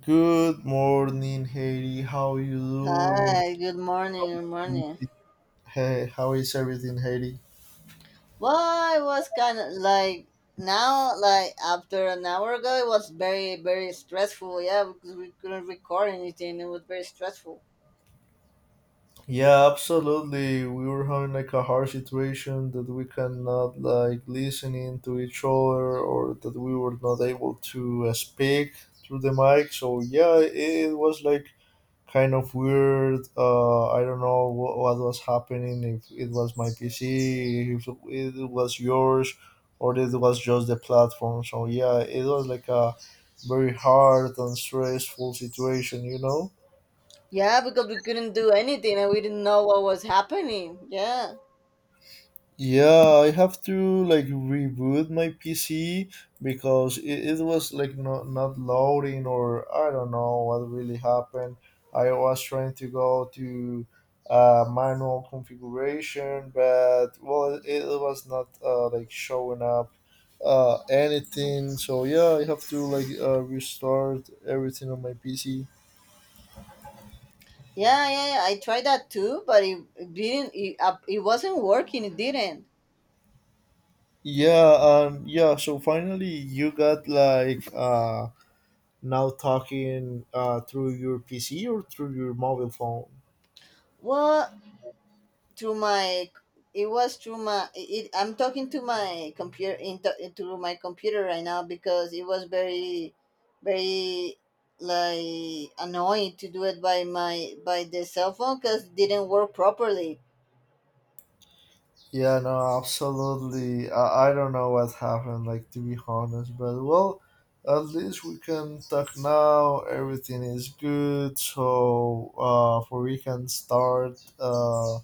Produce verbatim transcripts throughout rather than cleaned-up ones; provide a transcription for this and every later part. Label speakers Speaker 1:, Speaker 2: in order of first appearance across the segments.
Speaker 1: Good morning, Haiti. How you doing?
Speaker 2: Hi, good morning, good morning.
Speaker 1: Hey, how is everything, Haiti?
Speaker 2: Well, I was kind of like now, like after an hour ago, it was very, very stressful. Yeah, because we couldn't record anything, it was very stressful.
Speaker 1: Yeah, absolutely. We were having like a hard situation that we cannot like listening to each other, or that we were not able to uh, speak through the mic. So yeah, it was like kind of weird. Uh, I don't know what, what was happening. If it was my P C, if it was yours, or it was just the platform. So yeah, it was like a very hard and stressful situation. You know.
Speaker 2: Yeah, because we couldn't do anything and we didn't know what was happening. Yeah,
Speaker 1: Yeah, I have to like reboot my P C because it, it was like not not loading or I don't know what really happened. I was trying to go to uh, manual configuration, but well, it, it was not uh, like showing up uh, anything. So yeah, I have to like uh, restart everything on my P C.
Speaker 2: yeah, yeah, yeah. I tried that too, but it, it didn't. It, uh, it wasn't working. It didn't.
Speaker 1: Yeah, um, yeah. So finally, you got like uh now talking uh, through your P C or through your mobile phone.
Speaker 2: Well, through my it was through my it, I'm talking to my computer into through my computer right now because it was very very like annoying to do it by my by the cell phone because it didn't work properly.
Speaker 1: Yeah, no, absolutely. I, I don't know what happened, like, to be honest, but well, at least we can talk now. Everything is good, so uh, for we can start uh,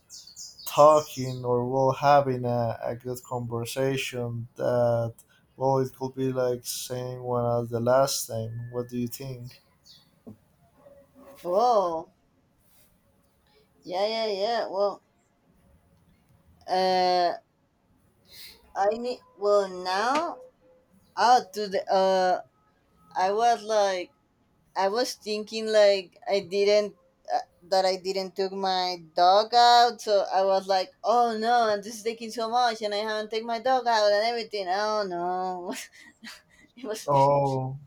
Speaker 1: talking or well having a, a good conversation that well it could be like same one as the last time. What do you think?
Speaker 2: Whoa, yeah, yeah, yeah. Well, uh I need well now out to the uh i was like I was thinking like I didn't, uh, that I didn't took my dog out, so I was like, oh no, and this is taking so much, and I haven't taken my dog out and everything. Oh no. It was.
Speaker 1: Oh,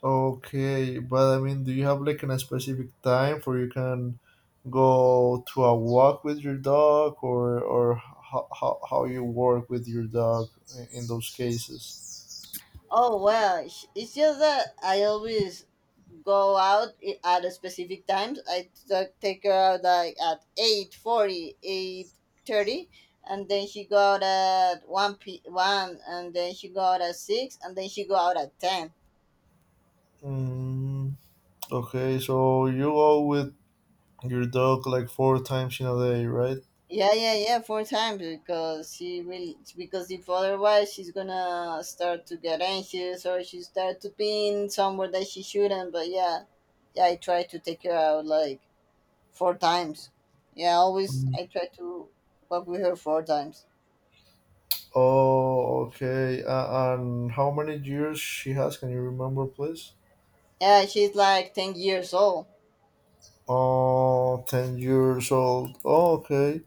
Speaker 1: okay, but I mean, do you have like an, a specific time for you can go to a walk with your dog, or or how, how, how you work with your dog i- in those cases?
Speaker 2: Oh well, sh- it's just that I always go out i- at a specific times. I t- take her out like at eight forty, eight thirty, and then she go out at one p one, and then she go out at six, and then she go out at ten.
Speaker 1: Mm, okay, so you go with your dog like four times in a day, right?
Speaker 2: Yeah, yeah, yeah, four times, because she will because if otherwise she's gonna start to get anxious or she start to pin somewhere that she shouldn't. But yeah, yeah, I try to take her out like four times. Yeah, always
Speaker 1: Mm.
Speaker 2: I try to walk with her four times.
Speaker 1: Oh, okay. Uh, and how many years she has? Can you remember, please?
Speaker 2: Yeah, she's like ten years old.
Speaker 1: Oh, ten years old. Oh, okay,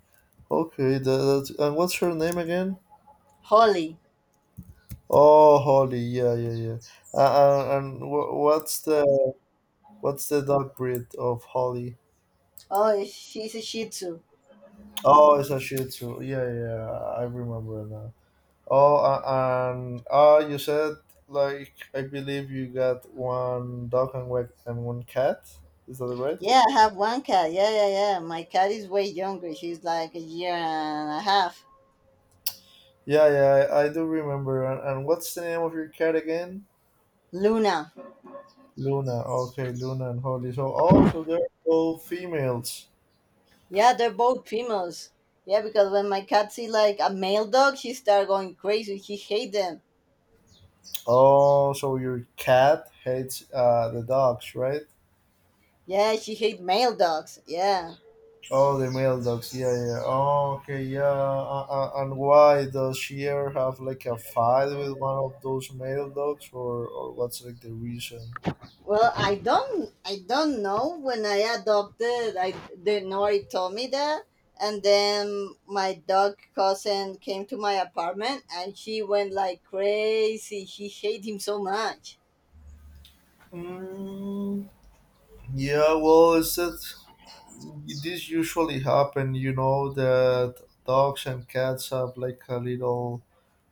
Speaker 1: okay. That, that's, and what's her name again?
Speaker 2: Holly.
Speaker 1: Oh, Holly, yeah, yeah, yeah. Uh, and and wh- what's the what's the dog breed of Holly?
Speaker 2: Oh, she's a Shih Tzu.
Speaker 1: Oh, it's a Shih Tzu. Yeah, yeah, I remember now. Oh, uh, and oh, you said like I believe you got one dog and one and one cat. Is that right?
Speaker 2: Yeah, I have one cat. Yeah, yeah, yeah. My cat is way younger. She's like a year and a half.
Speaker 1: Yeah, yeah, I, I do remember. And, and what's the name of your cat again?
Speaker 2: Luna.
Speaker 1: Luna. Okay, Luna and Holly. So, oh, so they're all females.
Speaker 2: Yeah, they're both females. Yeah, because when my cat see like a male dog, she start going crazy. She hate them.
Speaker 1: Oh, so your cat hates uh, the dogs, right?
Speaker 2: Yeah, she hate male dogs. Yeah.
Speaker 1: Oh, the male dogs. Yeah, yeah, yeah. Oh, okay, yeah. Uh, uh, uh, and why does she ever have like a fight with one of those male dogs, or or what's like the reason?
Speaker 2: Well, I don't, I don't know. When I adopted, I the Nori told me that, and then my dog cousin came to my apartment, and she went like crazy. She hate him so much.
Speaker 1: Mm, yeah, well, it's that this usually happen. You know that dogs and cats have like a little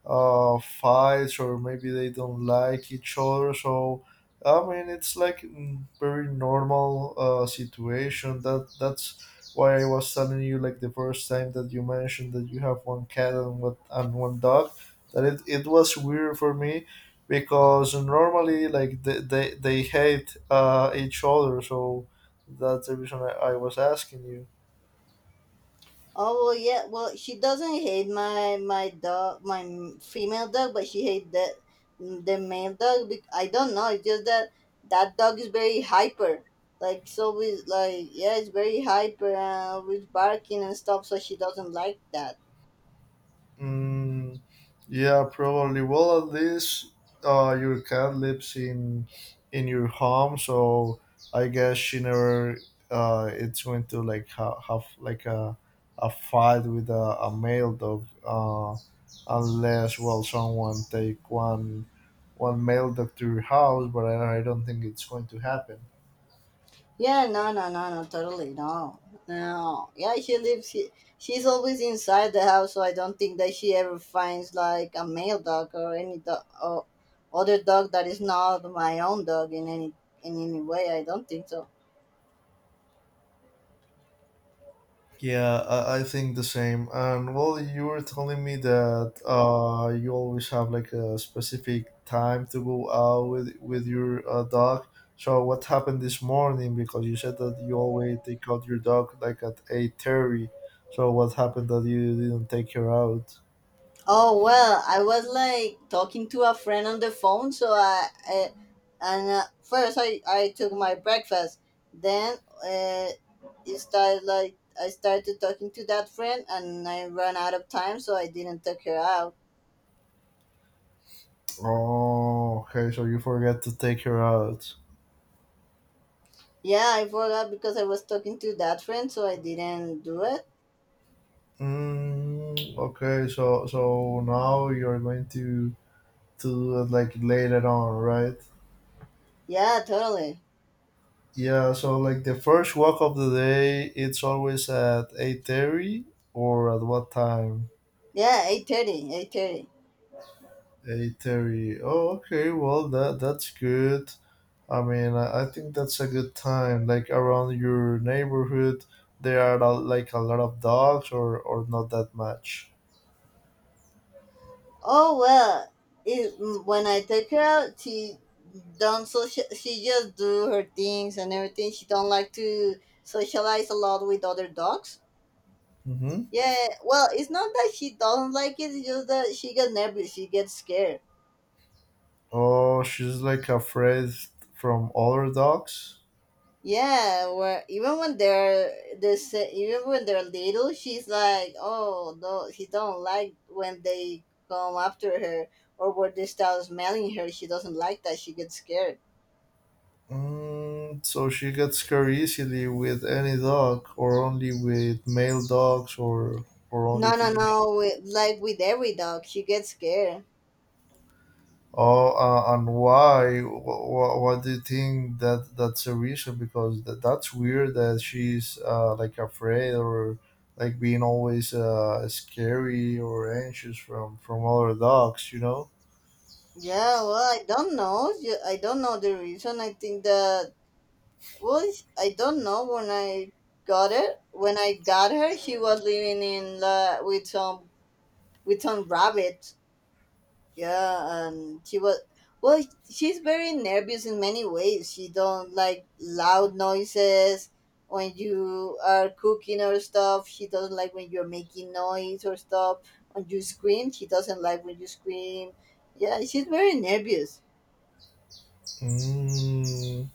Speaker 1: uh, fights or maybe they don't like each other. So I mean, it's like mm, very normal uh, situation. That that's why I was telling you like the first time that you mentioned that you have one cat and what and one dog. That it, it was weird for me because normally like they they, they hate uh, each other. So that's the reason I, I was asking you.
Speaker 2: Oh well, yeah. Well, she doesn't hate my my dog, my m- female dog, but she hates the the male dog. bec- I don't know. It's just that that dog is very hyper. Like, so, we like, yeah, it's very hyper and always barking and stuff. So she doesn't like that.
Speaker 1: Mm, yeah, probably. Well, at least uh, your cat lives in in your home, so I guess she never uh, it's going to like ha- have like a a fight with a, a male dog, uh, unless well someone take one one male dog to your house. But I, I don't think it's going to happen.
Speaker 2: Yeah, no, no, no, no, totally, no, no. Yeah, she lives. She, she's always inside the house, so I don't think that she ever finds like a male dog or any dog or other dog that is not my own dog in any in any way. I don't think so.
Speaker 1: Yeah, I, I think the same. And well, you were telling me that uh, you always have like a specific time to go out with with your uh, dog. So what happened this morning? Because you said that you always take out your dog like at eight thirty. So what happened that you didn't take her out?
Speaker 2: Oh well, I was like talking to a friend on the phone, so I, I and uh, first I I took my breakfast. Then, uh, it started like I started talking to that friend, and I ran out of time, so I didn't take her out.
Speaker 1: Oh, okay. So you forget to take her out.
Speaker 2: Yeah, I forgot because I was talking to that friend, so I didn't do it.
Speaker 1: Mm, okay. So so now you're going to to do it like later on, right?
Speaker 2: Yeah, totally.
Speaker 1: Yeah, so like the first walk of the day, it's always at eight thirty or at what time?
Speaker 2: Yeah, eight thirty, eight thirty.
Speaker 1: Eight thirty. Oh, okay. Well, that that's good. I mean, I, I think that's a good time. Like around your neighborhood, there are a- like a lot of dogs, or or not that much.
Speaker 2: Oh well, it, mm, when I take her out, she don't social. She just do her things and everything. She don't like to socialize a lot with other dogs.
Speaker 1: Mm-hmm.
Speaker 2: Yeah, well, it's not that she doesn't like it. It's just that she gets nervous. She gets scared.
Speaker 1: Oh, she's like afraid from other dogs.
Speaker 2: Yeah, where even when they're this, even when they're little, she's like, oh no, she don't like when they come after her or when they start smelling her. She doesn't like that. She gets scared.
Speaker 1: Mm, so she gets scared easily with any dog, or only with male dogs, or or only
Speaker 2: No, no,
Speaker 1: female.
Speaker 2: no. With, like, with every dog, she gets scared.
Speaker 1: Oh, uh, and why? What, what do you think that that's a reason? Because that, that's weird that she's uh, like afraid or like being always uh, scary or anxious from from other dogs. You know.
Speaker 2: Yeah, well, I don't know. Ju- I don't know the reason. I think that, well, it's- I don't know when I got it. When I got her, she was living in LA with some with some rabbits. Yeah, and she was well, she's very nervous in many ways. She don't like loud noises. When you are cooking or stuff, she doesn't like when you're making noise or stuff. When you scream, she doesn't like when you scream. Yeah, she's very nervous.
Speaker 1: Mm.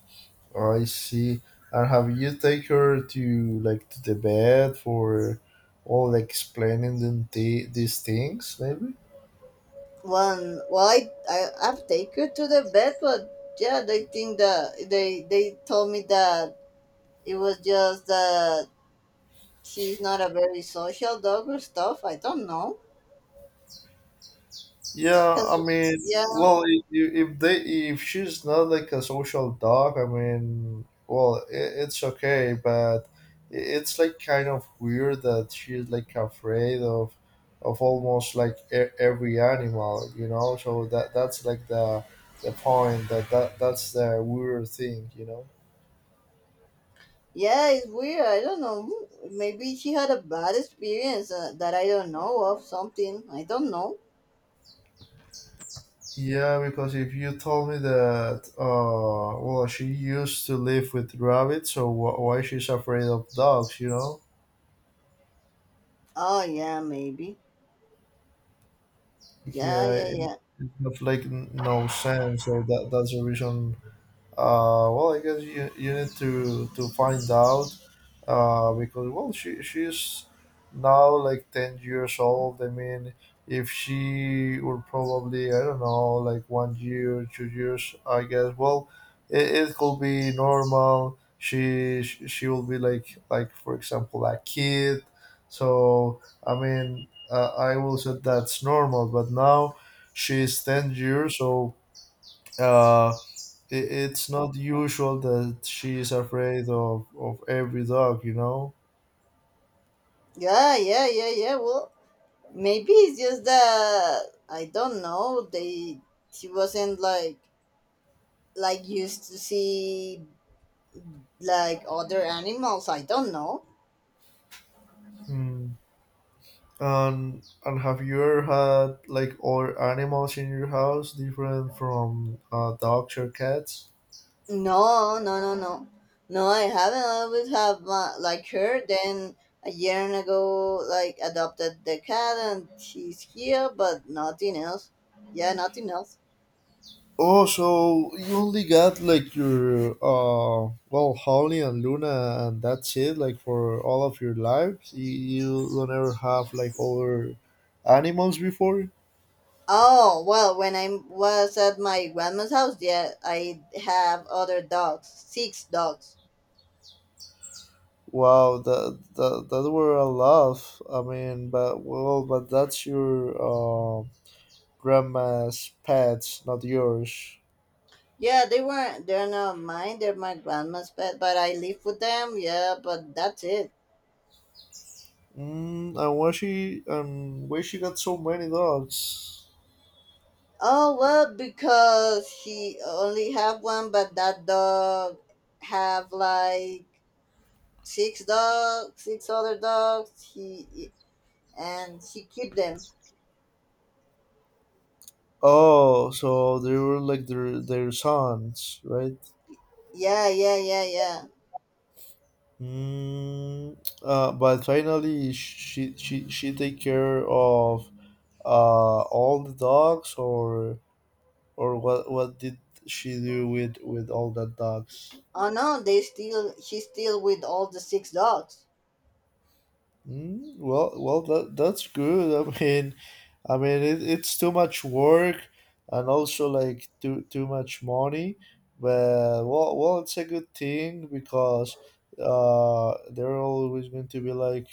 Speaker 1: I see. And have you take her to like to the bed for all explaining them th- these things maybe?
Speaker 2: One Well, i, I I've taken her to the vet, but yeah, they think that, they they told me that it was just that she's not a very social dog or stuff, I don't know.
Speaker 1: Yeah, I
Speaker 2: Cause
Speaker 1: mean,
Speaker 2: yeah,
Speaker 1: well, if, if they if she's not like a social dog, I mean, well, it, it's okay, but i- it's like kind of weird that she's like afraid of of almost like e- every animal, you know. So that that's like the the point that, that that's the weird thing, you know.
Speaker 2: yeah, it's weird. I don't know. Maybe she had a bad experience, uh, that I don't know of. Something I don't know.
Speaker 1: Yeah, because if you told me that, uh, well, she used to live with rabbits, so wh- why she's afraid of dogs? You know,
Speaker 2: Oh yeah, maybe. Yeah,
Speaker 1: yeah,
Speaker 2: yeah,
Speaker 1: it,
Speaker 2: yeah,
Speaker 1: it makes like n- no sense. So that that's the reason. Uh, well, I guess you, you need to to find out uh, because well, she she's now like ten years old. I mean, if she would probably I don't know like one year, two years, I guess. Well, it, it could be normal. She sh- she will be like like for example a kid. So I mean, uh, I will say that's normal. But now she's ten years, so. Uh, it, it's not usual that she is afraid of, of every dog, you know.
Speaker 2: yeah, yeah, yeah, yeah. Well, maybe it's just that I don't know. They she wasn't like, like used to see like other animals. I don't know.
Speaker 1: Mm. And and have you ever had like other animals in your house different from uh, dogs or cats?
Speaker 2: No, no, no, no, no. I haven't. I would have, uh, like her. Then a year and ago, like, adopted the cat, and she's here, but nothing else. Yeah, nothing else.
Speaker 1: Oh, so you only got like your uh well Holly and Luna and that's it like for all of your lives. You, you don't ever have like other animals before.
Speaker 2: Oh well, when I was at my grandma's house, yeah, I have other dogs, six dogs.
Speaker 1: Wow, that that that were a lot. I mean, but well, but that's your uh, grandma's pets, not yours.
Speaker 2: Yeah, they weren't. They're not mine. They're my grandma's pet, but I live with them. Yeah, but that's it.
Speaker 1: Mm, and why she and why she got so many dogs?
Speaker 2: Oh well, because he only have one, but that dog have like six dogs, six other dogs. He and he keep them.
Speaker 1: Oh, so they were like their their sons, right?
Speaker 2: Yeah, yeah, yeah, yeah.
Speaker 1: Mm, uh, but finally, she she she take care of uh all the dogs, or or what what did she do with with all the dogs?
Speaker 2: Oh no, they still he's still with all the six dogs.
Speaker 1: Mm, well, well, that that's good. I mean, I mean, it, it's too much work and also like too too much money. But well, well, it's a good thing because uh, they're always going to be like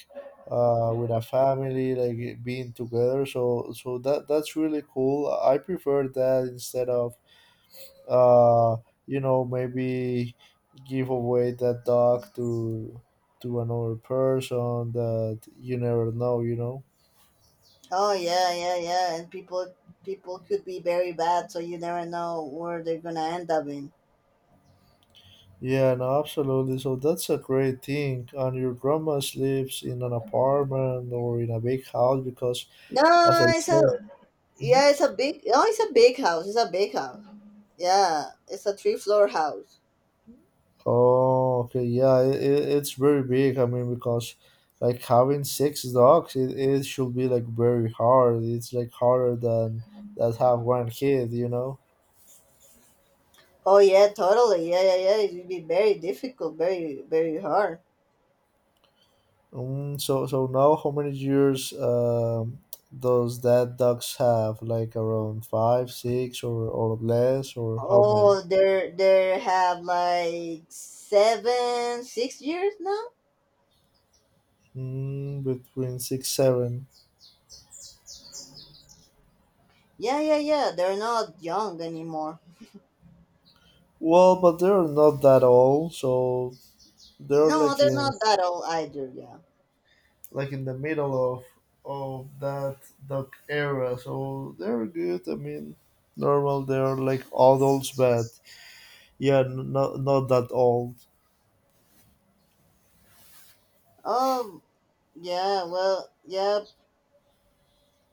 Speaker 1: uh, with a family, like being together. So so that that's really cool. I prefer that instead of uh you know maybe give away that dog to to another person that you never know you know.
Speaker 2: Oh yeah, yeah, yeah. And people people could be very bad, so you never know where they're gonna end up in.
Speaker 1: Yeah, no, absolutely, so that's a great thing. And your grandma sleeps in an apartment or in a big house? Because as
Speaker 2: No,
Speaker 1: I
Speaker 2: it's a
Speaker 1: said.
Speaker 2: yeah, it's
Speaker 1: Mhm.
Speaker 2: a big. Oh, it's a big house. It's a big house. Yeah, it's a three floor house.
Speaker 1: Oh, okay, yeah, it, it, it's very big. I mean, because like having six dogs, it, it should be like very hard. It's like harder than that have one kid, you know.
Speaker 2: Oh yeah, totally. Yeah, yeah, yeah. It would be very difficult, very, very hard.
Speaker 1: Um, so so now how many years um, does that ducks have? Like around five, six, or or less, or how many?
Speaker 2: Oh, there, there have like seven, six years now.
Speaker 1: Mm, between six, seven.
Speaker 2: Yeah, yeah, yeah. They're not young anymore.
Speaker 1: Well, but they're not that old, so they're
Speaker 2: No,
Speaker 1: like
Speaker 2: they're
Speaker 1: in
Speaker 2: not that old either. Yeah.
Speaker 1: like in the middle of of that duck era. So they're good. I mean, normal. They're like adults, but yeah, not not that old.
Speaker 2: Oh, yeah. Well, yeah.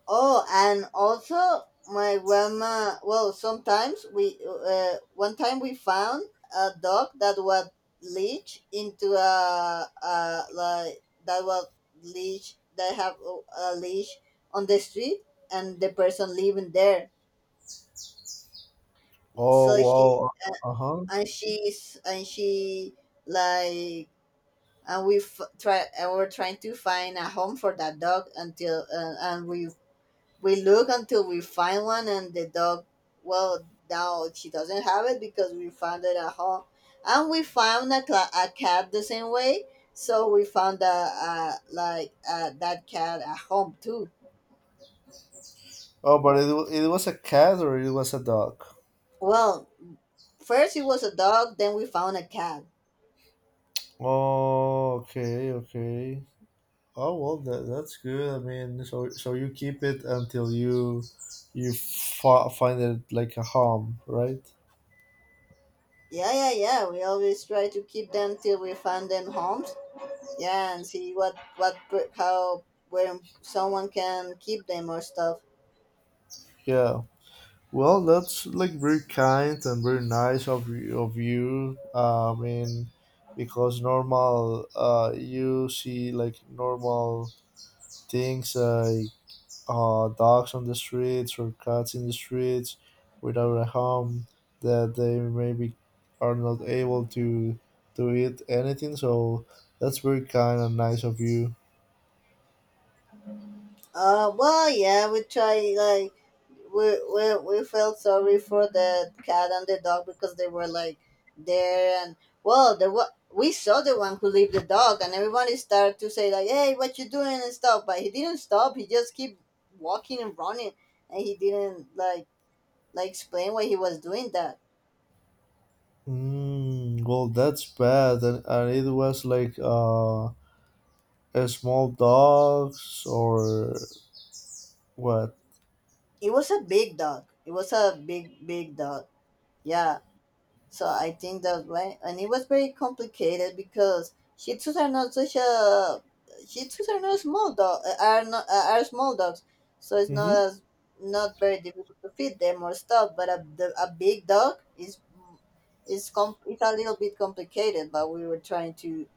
Speaker 2: Oh, and also my grandma. Well, sometimes we, uh, one time we found a dog that was leech into a, a like, that was leech, that have a leash on the street, and the person living there.
Speaker 1: Oh
Speaker 2: So she
Speaker 1: wow.
Speaker 2: uh,
Speaker 1: Uh huh.
Speaker 2: and she's and she, like, and we f- try, and we're trying to find a home for that dog until, uh, and we We look until we find one, and the dog, well, now she doesn't have it because we found it at home. And we found a, cla a cat the same way, so we found a, a like uh that cat at home too.
Speaker 1: Oh, but it, wa- it was a cat or it was a dog?
Speaker 2: Well, first it was a dog, then we found a cat.
Speaker 1: Oh, okay, okay. Oh well, that, that's good. I mean, so so you keep it until you you fa- find it like a home, right?
Speaker 2: Yeah, yeah, yeah. We always try to keep them till we find them homes. Yeah, and see what what how when someone can keep them or stuff.
Speaker 1: Yeah. Well, that's like very kind and very nice of you, of you. Uh, I mean, because normal, uh, you see like normal things like uh, dogs on the streets or cats in the streets without a home that they maybe are not able to to eat anything. So that's very kind and nice of you.
Speaker 2: Uh, well, yeah, we try like we we we felt sorry for the cat and the dog because they were like there, and well, the what we saw, the one who leave the dog, and everybody started to say like, "Hey, what you doing?" and stuff, but he didn't stop. He just keep walking and running, and he didn't like, like explain why he was doing that.
Speaker 1: Mm, well, that's bad, and, and it was like uh, a small dogs or what?
Speaker 2: It was a big dog. It was a big, big dog. Yeah, so I think that, when and it was very complicated because Shih Tzus are not such a Shih Tzus are not small dog, uh, are not are small dogs, so it's not
Speaker 1: Hmm.
Speaker 2: as not very difficult to feed them or stuff. But a the, a big dog is is com it's a little bit complicated. But we were trying to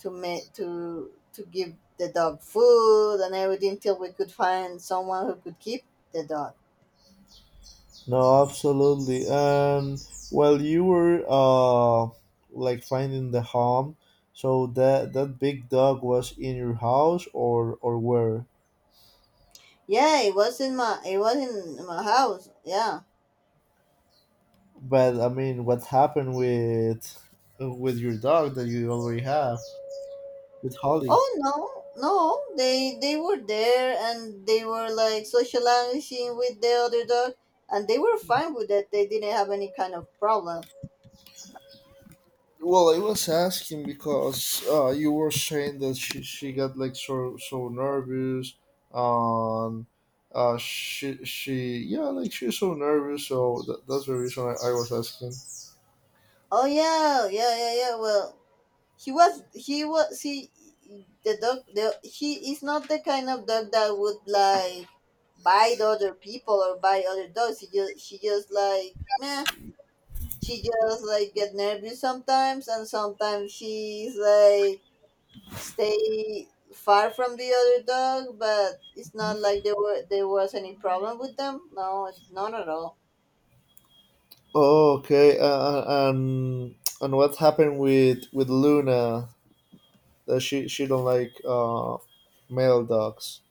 Speaker 2: to make to to give the dog food and everything till we could find someone who could keep the dog.
Speaker 1: No, absolutely. And well, you were uh like finding the home. So that that big dog was in your house or or where?
Speaker 2: Yeah, it was in my it was in my house. Yeah.
Speaker 1: But I mean, what happened with with your dog that you already have with Holly?
Speaker 2: Oh no, no. They they were there, and they were like socializing with the other dog, and they were fine with that. They didn't have any kind of problem.
Speaker 1: Well, I was asking because uh, you were saying that she, she got like so so nervous um uh, she she yeah like she's so nervous so that, that's the reason I, I was asking.
Speaker 2: Oh yeah, yeah, yeah, yeah. Well, he was he was he the dog the he is not the kind of dog that would like bite other people or bite other dogs. He just She just like meh. She just like get nervous sometimes, and sometimes she's like stay far from the other dog, but it's not like there were there was any problem with them. No, not at all.
Speaker 1: Okay, uh, uh, and and what happened with with Luna? That she she don't like uh male dogs.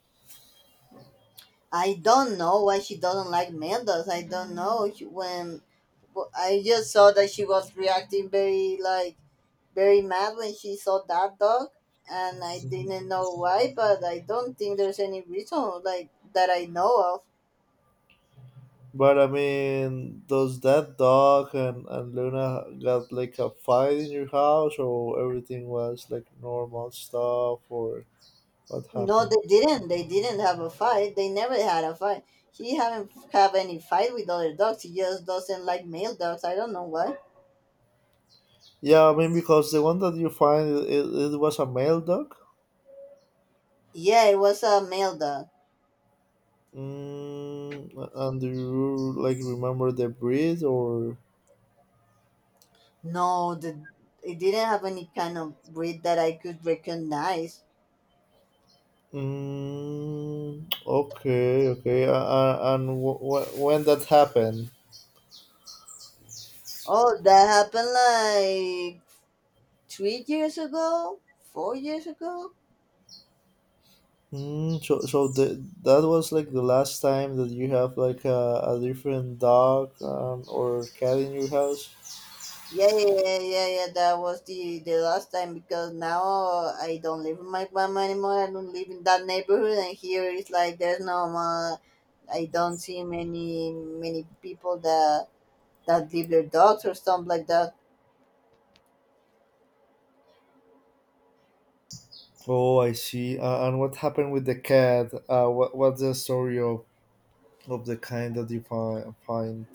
Speaker 2: I don't know why she doesn't like Mendoz. I don't know she, when w- I just saw that she was reacting very like very mad when she saw that dog, and I didn't know why, but I don't think there's any reason like that I know of.
Speaker 1: But I mean, does that dog and and Luna got like a fight in your house, or everything was like normal stuff, or what
Speaker 2: No,
Speaker 1: happened?
Speaker 2: they didn't. They didn't have a fight. They never had a fight. He haven't have any fight with other dogs. He just doesn't like male dogs. I don't know why.
Speaker 1: Yeah, I mean because the one that you find it, it it was a male dog.
Speaker 2: Yeah, it was a male dog.
Speaker 1: Mm, and do you like remember the breed or?
Speaker 2: No, the it didn't have any kind of breed that I could recognize.
Speaker 1: Mm, okay, okay. Uh, uh, and wh- wh- when that happened?
Speaker 2: Oh, that happened like three years ago, four years ago.
Speaker 1: Mm, so so the, that was like the last time that you have like a, a different dog um, or cat in your house?
Speaker 2: Yeah, yeah, yeah, yeah. Yeah, that was the the last time because now I don't live in my mom anymore. I don't live in that neighborhood, and here it's like there's no. Uh, I don't see many many people that that leave their dogs or something like that.
Speaker 1: Oh, I see. Uh, and what happened with the cat? Uh, what, what's the story of, of the kind that you find? find?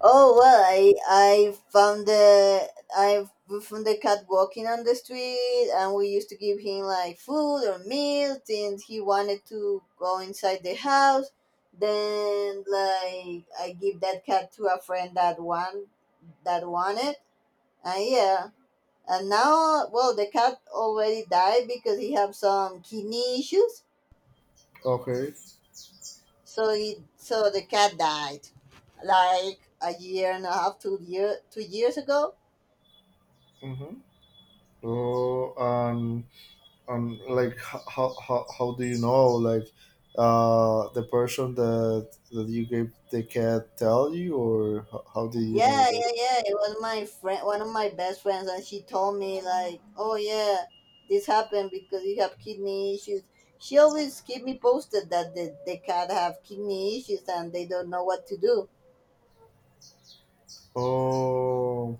Speaker 2: Oh well, I I found the I found the cat walking on the street, and we used to give him like food or milk, and he wanted to go inside the house. Then like I give that cat to a friend that want that wanted, and yeah, and now well the cat already died because he had some kidney issues,
Speaker 1: Okay.
Speaker 2: so he so the cat died like a year and a half, two year two years ago.
Speaker 1: Mm-hmm. Oh, um, um like ho- how how, how do you know, like uh the person that that you gave the cat tell you, or how, how do you know
Speaker 2: Yeah,
Speaker 1: that?
Speaker 2: yeah, yeah. It was my friend, one of my best friends, and she told me like, "Oh yeah, this happened because you have kidney issues." She always keep me posted that the, the cat have kidney issues and they don't know what to do.
Speaker 1: Oh,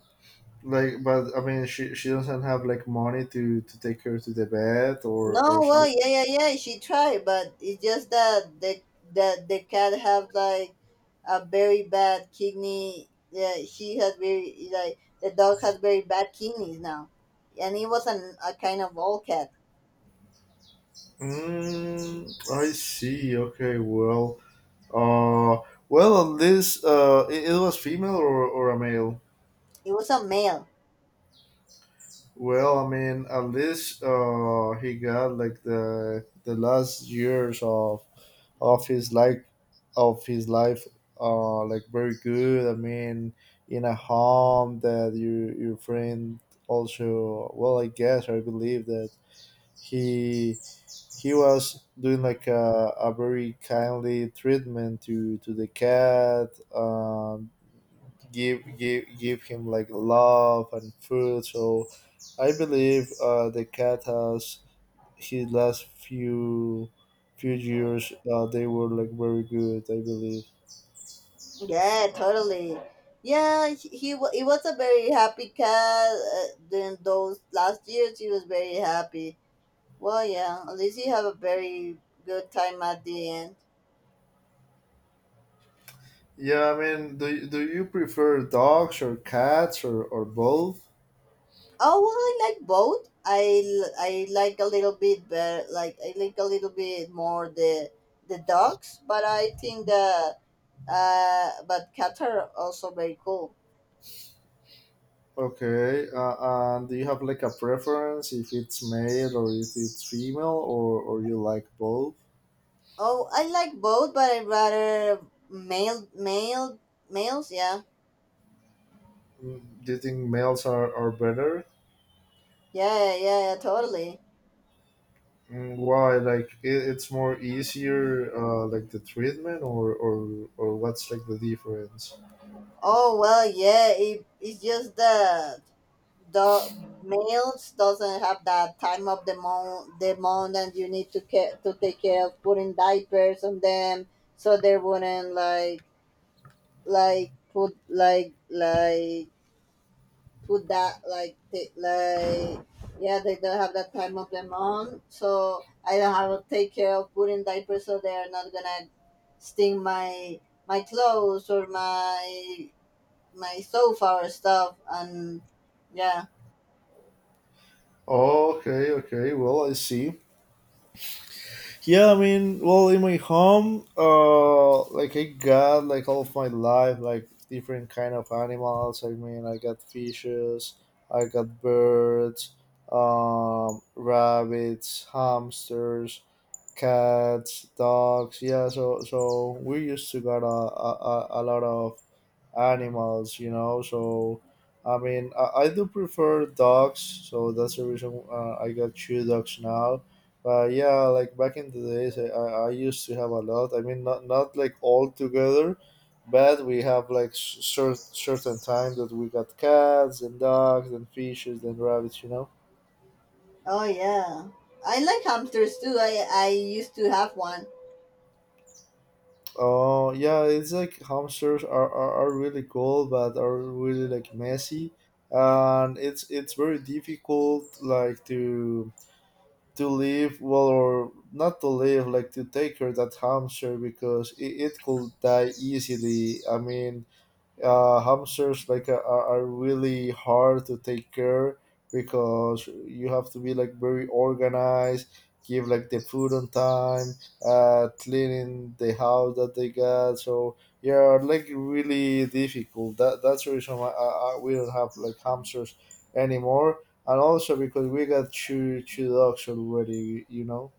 Speaker 1: like, but I mean, she she doesn't have like money to to take her to the vet, or
Speaker 2: No,
Speaker 1: or
Speaker 2: well,
Speaker 1: something?
Speaker 2: yeah, yeah, yeah. She tried, but it's just that the that the cat have like a very bad kidney. Yeah, she has very like the dog has very bad kidneys now, and it was an, a kind of old cat.
Speaker 1: Mm, i see. Okay, well, uh well, at least, uh it, it was female, or or a male.
Speaker 2: It was a male.
Speaker 1: Well, I mean, at least, uh, he got like the the last years of of his life of his life, uh, like very good. I mean, in a home that your your friend. Also, well, I guess I believe that he he was doing like a, a very kindly treatment to to the cat, um give give give him like love and food, so I believe uh the cat has his last few few years, uh, they were like very good, I believe.
Speaker 2: Yeah, totally. Yeah, he, he wa- he was a very happy cat uh, during those last years. He was very happy. Well, yeah, at least he have a very good time at the end.
Speaker 1: Yeah, I mean, do, do you prefer dogs or cats, or, or both?
Speaker 2: Oh well, I like both. I, l- I like a little bit better. Like I like a little bit more the the dogs, but I think the uh, but cats are also very cool.
Speaker 1: Okay, uh, and do you have like a preference if it's male or if it's female, or, or you like both?
Speaker 2: Oh, I like both, but I rather male male males. Yeah.
Speaker 1: Mm, Do you think males are, are better?
Speaker 2: Yeah, yeah, yeah, totally.
Speaker 1: Mm, Why? Like it, it's more easier, uh, like the treatment, or, or or what's like the difference?
Speaker 2: Oh well, yeah. It, it's just that the males doesn't have that time of the month, the month, and you need to care to take care of putting diapers on them, so they wouldn't like like put like like put that like t- like yeah they don't have that time of the month, so I don't have to take care of putting diapers, so they are not gonna sting my my clothes or my my sofa or stuff. And yeah.
Speaker 1: Oh, okay, okay. Well, I see. Yeah, I mean, well, in my home, uh, like I got like all of my life, like different kind of animals. I mean, I got fishes, I got birds, um, rabbits, hamsters, cats, dogs. Yeah, so so we used to got a a, a a lot of animals, you know. So, I mean, I, I do prefer dogs, so that's the reason, uh, I got two dogs now. But yeah, like back in the days, I, I I used to have a lot. I mean, not not like all together, but we have like certain certain time that we got cats and dogs and fishes and rabbits, you know.
Speaker 2: Oh yeah, I like hamsters too. I i used to have one.
Speaker 1: Oh yeah, it's like hamsters are, are, are really cool, but are really like messy, and it's it's very difficult, like to to live well, or not to live, like to take her that hamster, because it, it could die easily, I mean, uh, hamsters, like uh, are, are really hard to take care, because you have to be like very organized, give like the food on time, uh, cleaning the house that they got. So yeah, like really difficult. That that's the reason why, I, I, we don't have like hamsters anymore, and also because we got two two dogs already you know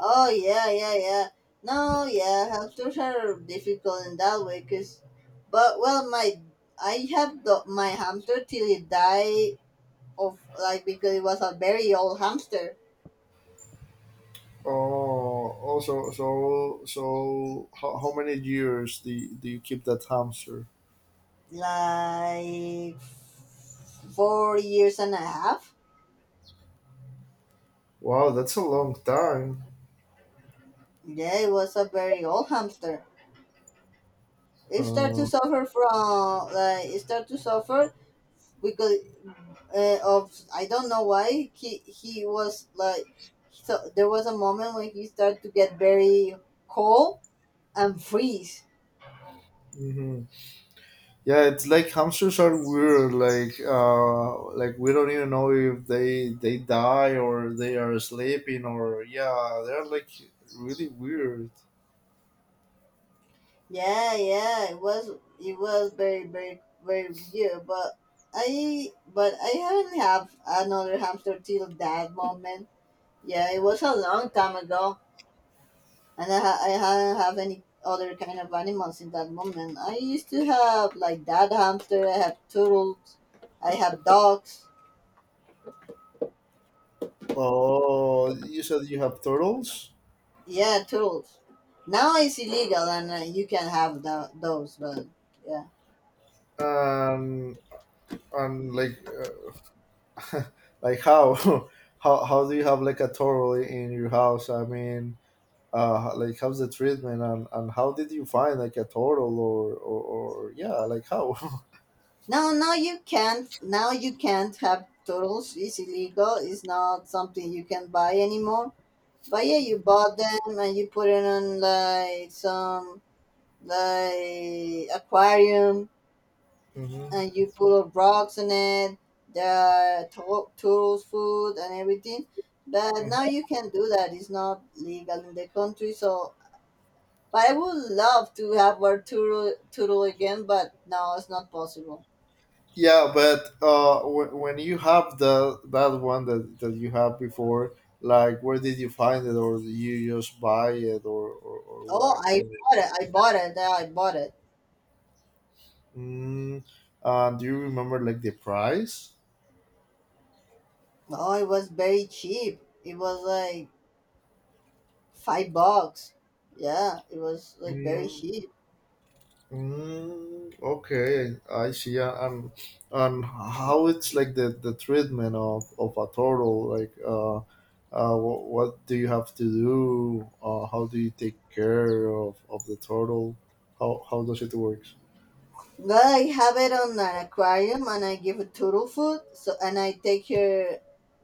Speaker 2: Oh yeah, yeah, yeah. No, yeah, hamsters are difficult in that way because but well my I have the, my hamster till it died of like because it was a very old hamster.
Speaker 1: Oh, also, so, so, so, how, how many years do you, do you keep that hamster?
Speaker 2: Like four years and a half.
Speaker 1: Wow, that's a long time.
Speaker 2: Yeah, it was a very old hamster. It start to
Speaker 1: Uh,
Speaker 2: suffer from uh, it start to suffer because uh, of, I don't know why he he was like. So there was a moment when he started to get very cold and freeze.
Speaker 1: mhm. Yeah, it's like hamsters are weird. Like, uh, like we don't even know if they they die or they are sleeping, or yeah, they're like really weird.
Speaker 2: Yeah, yeah, it was it was very very very weird, but I but I haven't have another hamster till that moment. Yeah, it was a long time ago. And I, ha- I haven't have any other kind of animals in that moment. I used to have like that hamster. I have turtles. I have dogs.
Speaker 1: Oh, you said you have turtles,
Speaker 2: Yeah, turtles. Now it's illegal, and uh, you can have tho- those. But yeah,
Speaker 1: and and like, uh, like how, how how do you have like a turtle in your house? I mean, uh like how's the treatment, and and how did you find like a turtle, or or, or yeah, like how?
Speaker 2: no, no, you can't. Now you can't have turtles. It's illegal. It's not something you can buy anymore. But yeah, you bought them and you put it on like some like aquarium,
Speaker 1: Mhm.
Speaker 2: and you put up rocks in it, the to- turtles food and everything. But now
Speaker 1: Mhm.
Speaker 2: you can do that. It's not legal in the country. So, but I would love to have our turtle turtle again. But no, it's not possible.
Speaker 1: Yeah, but uh w- when you have the that one that that you have before, like, where did you find it, or did you just buy it, or or, or what?
Speaker 2: Oh,
Speaker 1: Or-
Speaker 2: I
Speaker 1: the-
Speaker 2: bought it. I bought it. Yeah, I bought it.
Speaker 1: mm, uh, do you remember like the price?
Speaker 2: Oh, it was very cheap. It was like five bucks. Yeah, it was like very cheap.
Speaker 1: Mm, okay, I see. Uh, And and how it's like the the treatment of of a turtle? Like, uh, uh, what, what do you have to do? Uh, how do you take care of of the turtle? How how does it work?
Speaker 2: Well, I have it on an aquarium, and I give it turtle food. So, and I take her,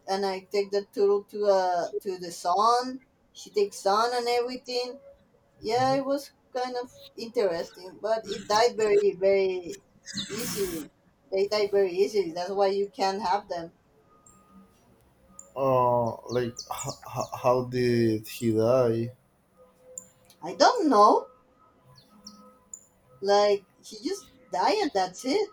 Speaker 2: and I take the turtle to uh to the sun. She takes sun and everything. Yeah,
Speaker 1: Hmm.
Speaker 2: it was kind of interesting, but it died very very easily. They die very easily. That's why you can't have them.
Speaker 1: Uh, like h- h- how did he die?
Speaker 2: I don't know. Like she just die and that's it.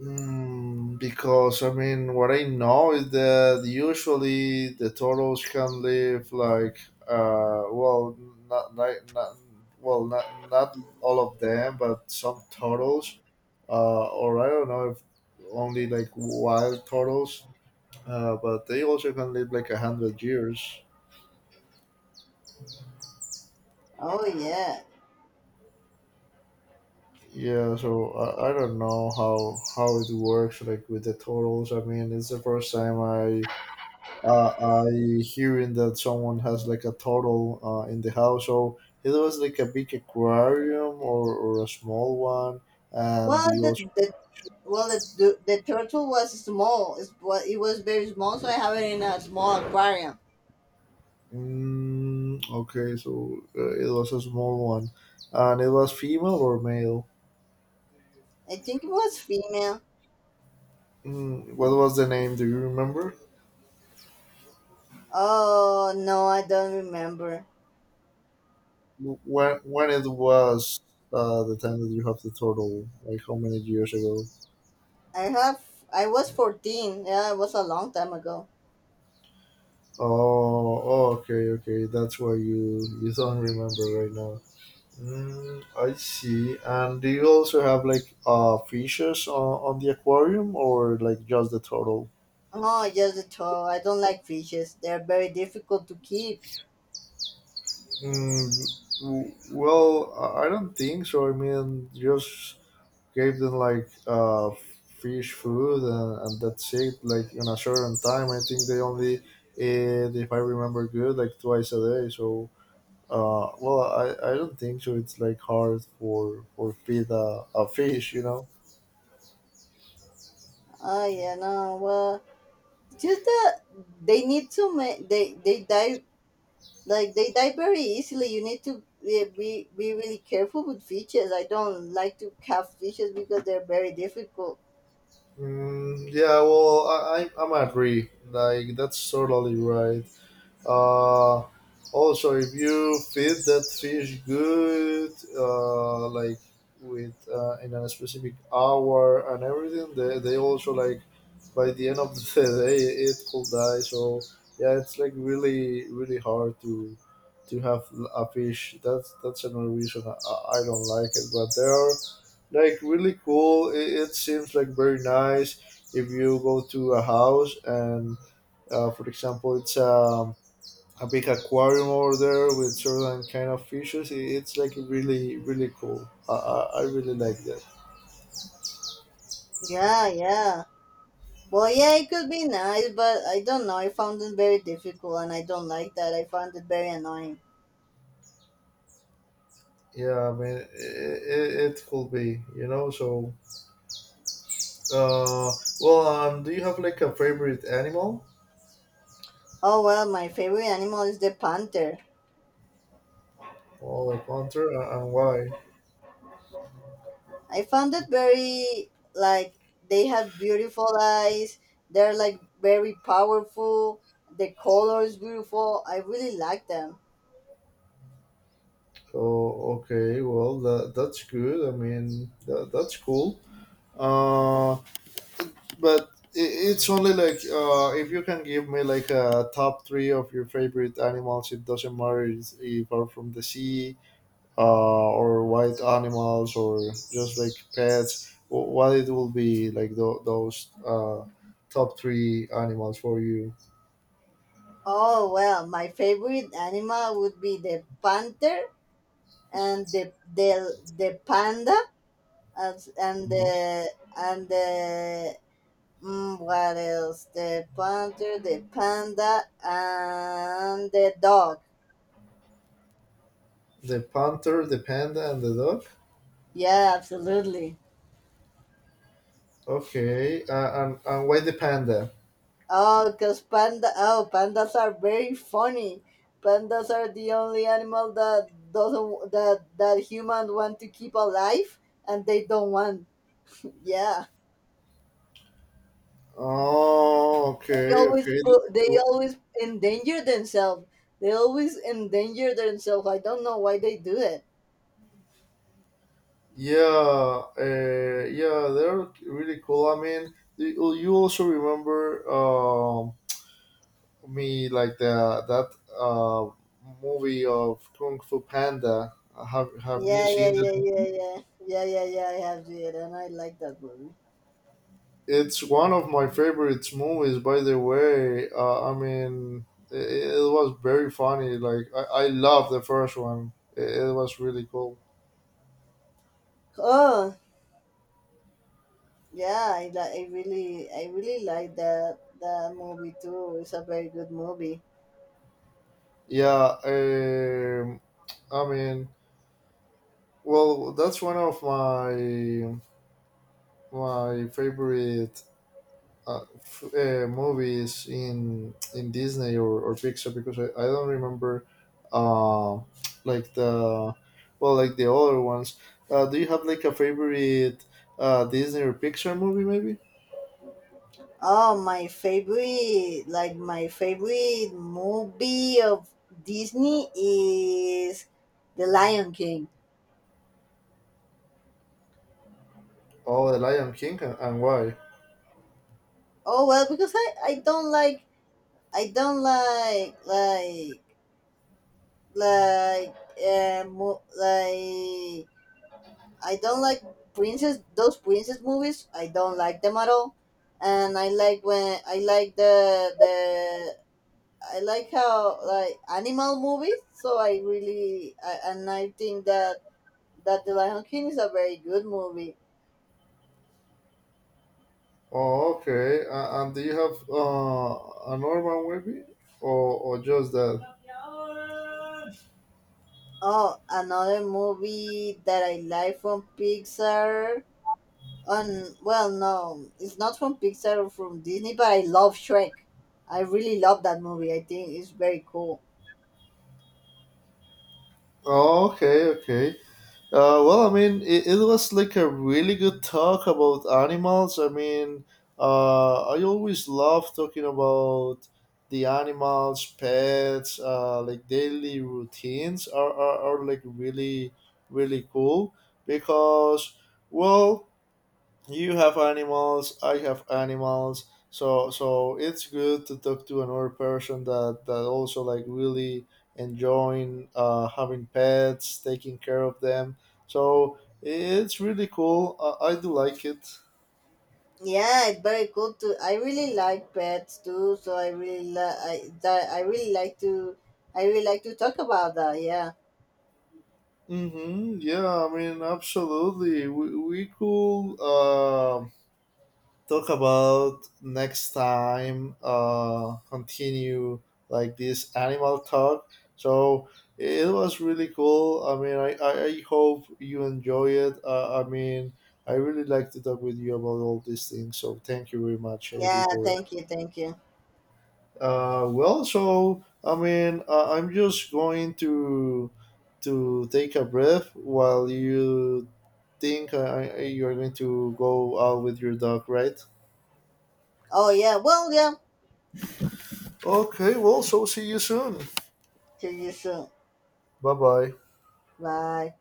Speaker 1: Mm, because I mean, what I know is that usually the turtles can live like, uh, well, not like, not well, not not all of them, but some turtles, uh, or I don't know if only like wild turtles, uh, but they also can live like a hundred years.
Speaker 2: Oh yeah.
Speaker 1: Yeah, so I, I don't know how how it works like with the turtles. I mean, it's the first time I uh, I hearing that someone has like a turtle, uh, in the house. So, it was like a big aquarium, or, or a small one, and
Speaker 2: Well,
Speaker 1: the also?
Speaker 2: the the well the the, the turtle was small. It's, well, it was very small, so I have it in a small aquarium.
Speaker 1: Mm, okay, so uh, it was a small one, and it was female or male.
Speaker 2: I think it was female.
Speaker 1: Mm, what was the name? Do you remember?
Speaker 2: Oh no, I don't remember.
Speaker 1: W- When when it was, uh, the time that you have the turtle? Like, how many years ago?
Speaker 2: I have I was fourteen. Yeah, it was a long time ago.
Speaker 1: Oh, oh, okay, okay. That's why you you don't remember right now. Mm, I see. And do you also have like uh fishes on, on the aquarium, or like just the turtle?
Speaker 2: Oh, just a turtle. I don't like fishes. They're very difficult to keep.
Speaker 1: Mm, w- well, I I don't think so. I mean, just gave them like uh fish food, and, and that's it. Like, in a certain time, I think they only ate, if I remember good, like twice a day. So. Uh, well, I, I don't think so. It's like hard for for feed a, a fish, you know.
Speaker 2: Oh yeah, no. Well, it's just that they need to make they they die like they die very easily. You need to be, be be really careful with fishes. I don't like to have fishes because they're very difficult.
Speaker 1: Mm, yeah, well, I, I- I'm agree. Like, that's totally right. Uh, also, if you feed that fish good, uh, like, with uh, in a specific hour and everything, they, they also, like, by the end of the day it will die. So yeah, it's like really really hard to to have a fish. That's that's another reason I, I don't like it. But they are like really cool. It, it seems like very nice if you go to a house and, uh, for example, it's um a big aquarium over there with certain kind of fishes. I- It's like really, really cool. I, I, I really like that.
Speaker 2: Yeah, yeah, well, yeah, it could be nice, but I don't know, I found it very difficult and I don't like that. I found it very annoying.
Speaker 1: Yeah, I mean, it, it, it could be, you know. So, uh, well, um, do you have like a favorite animal,
Speaker 2: Oh well, my favorite animal is the panther.
Speaker 1: or a panther, a- and why?
Speaker 2: I found it very like, they have beautiful eyes, they're like very powerful, the color is beautiful, I really like them.
Speaker 1: Oh, okay. Well, that, that's good. I mean, that, that's cool. Uh, but i- it's only like, uh, if you can give me like a top three of your favorite animals. It doesn't matter, is- if are from the sea, uh, or wild animals, or just like pets. Wh- what it will be like tho- those uh, top three animals for you?
Speaker 2: Oh well, my favorite animal would be the panther and the the the panda, as- and
Speaker 1: Mhm.
Speaker 2: the and the mm, what else? The panther, the panda, and the dog.
Speaker 1: The panther, the panda, and the dog.
Speaker 2: Yeah, absolutely.
Speaker 1: Okay, uh, and, and why the panda?
Speaker 2: Oh, cause panda. Oh, pandas are very funny. Pandas are the only animal that doesn't that that humans want to keep alive, and they don't want. Yeah,
Speaker 1: Oh,
Speaker 2: they
Speaker 1: okay,
Speaker 2: always
Speaker 1: okay, that's
Speaker 2: put, they
Speaker 1: cool.
Speaker 2: always endanger themselves. They always endanger themselves. I don't know why they do it.
Speaker 1: Yeah, uh, yeah, they're really cool. I mean, you you also remember, um, me, like the that uh, movie of Kung Fu Panda. Have Have you
Speaker 2: Yeah, yeah,
Speaker 1: seen
Speaker 2: yeah,
Speaker 1: that?
Speaker 2: yeah, yeah, yeah, yeah, yeah. I have it, and I like that movie.
Speaker 1: It's one of my favorite movies, by the way. Uh, I mean, it, it was very funny. Like, I, I love the first one. It, it was really cool.
Speaker 2: Oh, yeah, I li- I really, I really like that that movie too. It's a very good movie.
Speaker 1: Yeah, um, I mean, well, that's one of my my favorite, uh, f- uh, movies in in Disney, or, or Pixar, because I, I don't remember, uh, like the, well, like the other ones. Uh, do you have like a favorite, uh, Disney or Pixar movie maybe?
Speaker 2: Oh, my favorite, like my favorite movie of Disney is The Lion King.
Speaker 1: Oh, The Lion King, and, and why?
Speaker 2: Oh well, because I I don't like I don't like like like uh, mo- like I don't like princess those princess movies. I don't like them at all, and I like when I like the the I like how like animal movies. So I really I, and I think that that the Lion King is a very good movie.
Speaker 1: Oh, okay. Uh, and do you have, uh, a normal maybe, or or just that?
Speaker 2: Oh, another movie that I like from Pixar. Um, well, no, it's not from Pixar or from Disney, but I love Shrek. I really love that movie. I think it's very cool.
Speaker 1: Oh, okay, okay. Uh, well, I mean, it, it was like a really good talk about animals. I mean, uh, I always love talking about the animals, pets, uh, like daily routines are, are, are like really, really cool, because, well, you have animals, I have animals, so so it's good to talk to another person that that also like really enjoying, uh, having pets, taking care of them, so it's really cool, i, I do like it.
Speaker 2: Yeah, it's very cool too. I really like pets too, so I really li- I that I really like to I really like to talk about that. Yeah,
Speaker 1: Mm-hmm. Yeah, I mean, absolutely, we, we could uh. Talk about next time, uh continue like this animal talk. So it was really cool. I mean, i i, I hope you enjoy it, uh, I mean, I really like to talk with you about all these things. So thank you very much, Eddie,
Speaker 2: yeah.
Speaker 1: for
Speaker 2: Thank you, thank you.
Speaker 1: uh Well, so I mean, uh, I'm just going to to take a breath while you think. Uh, you're going to go out with your dog, right?
Speaker 2: Oh yeah. Well, yeah.
Speaker 1: Okay, well, so see you soon.
Speaker 2: See you soon.
Speaker 1: Bye bye.
Speaker 2: Bye.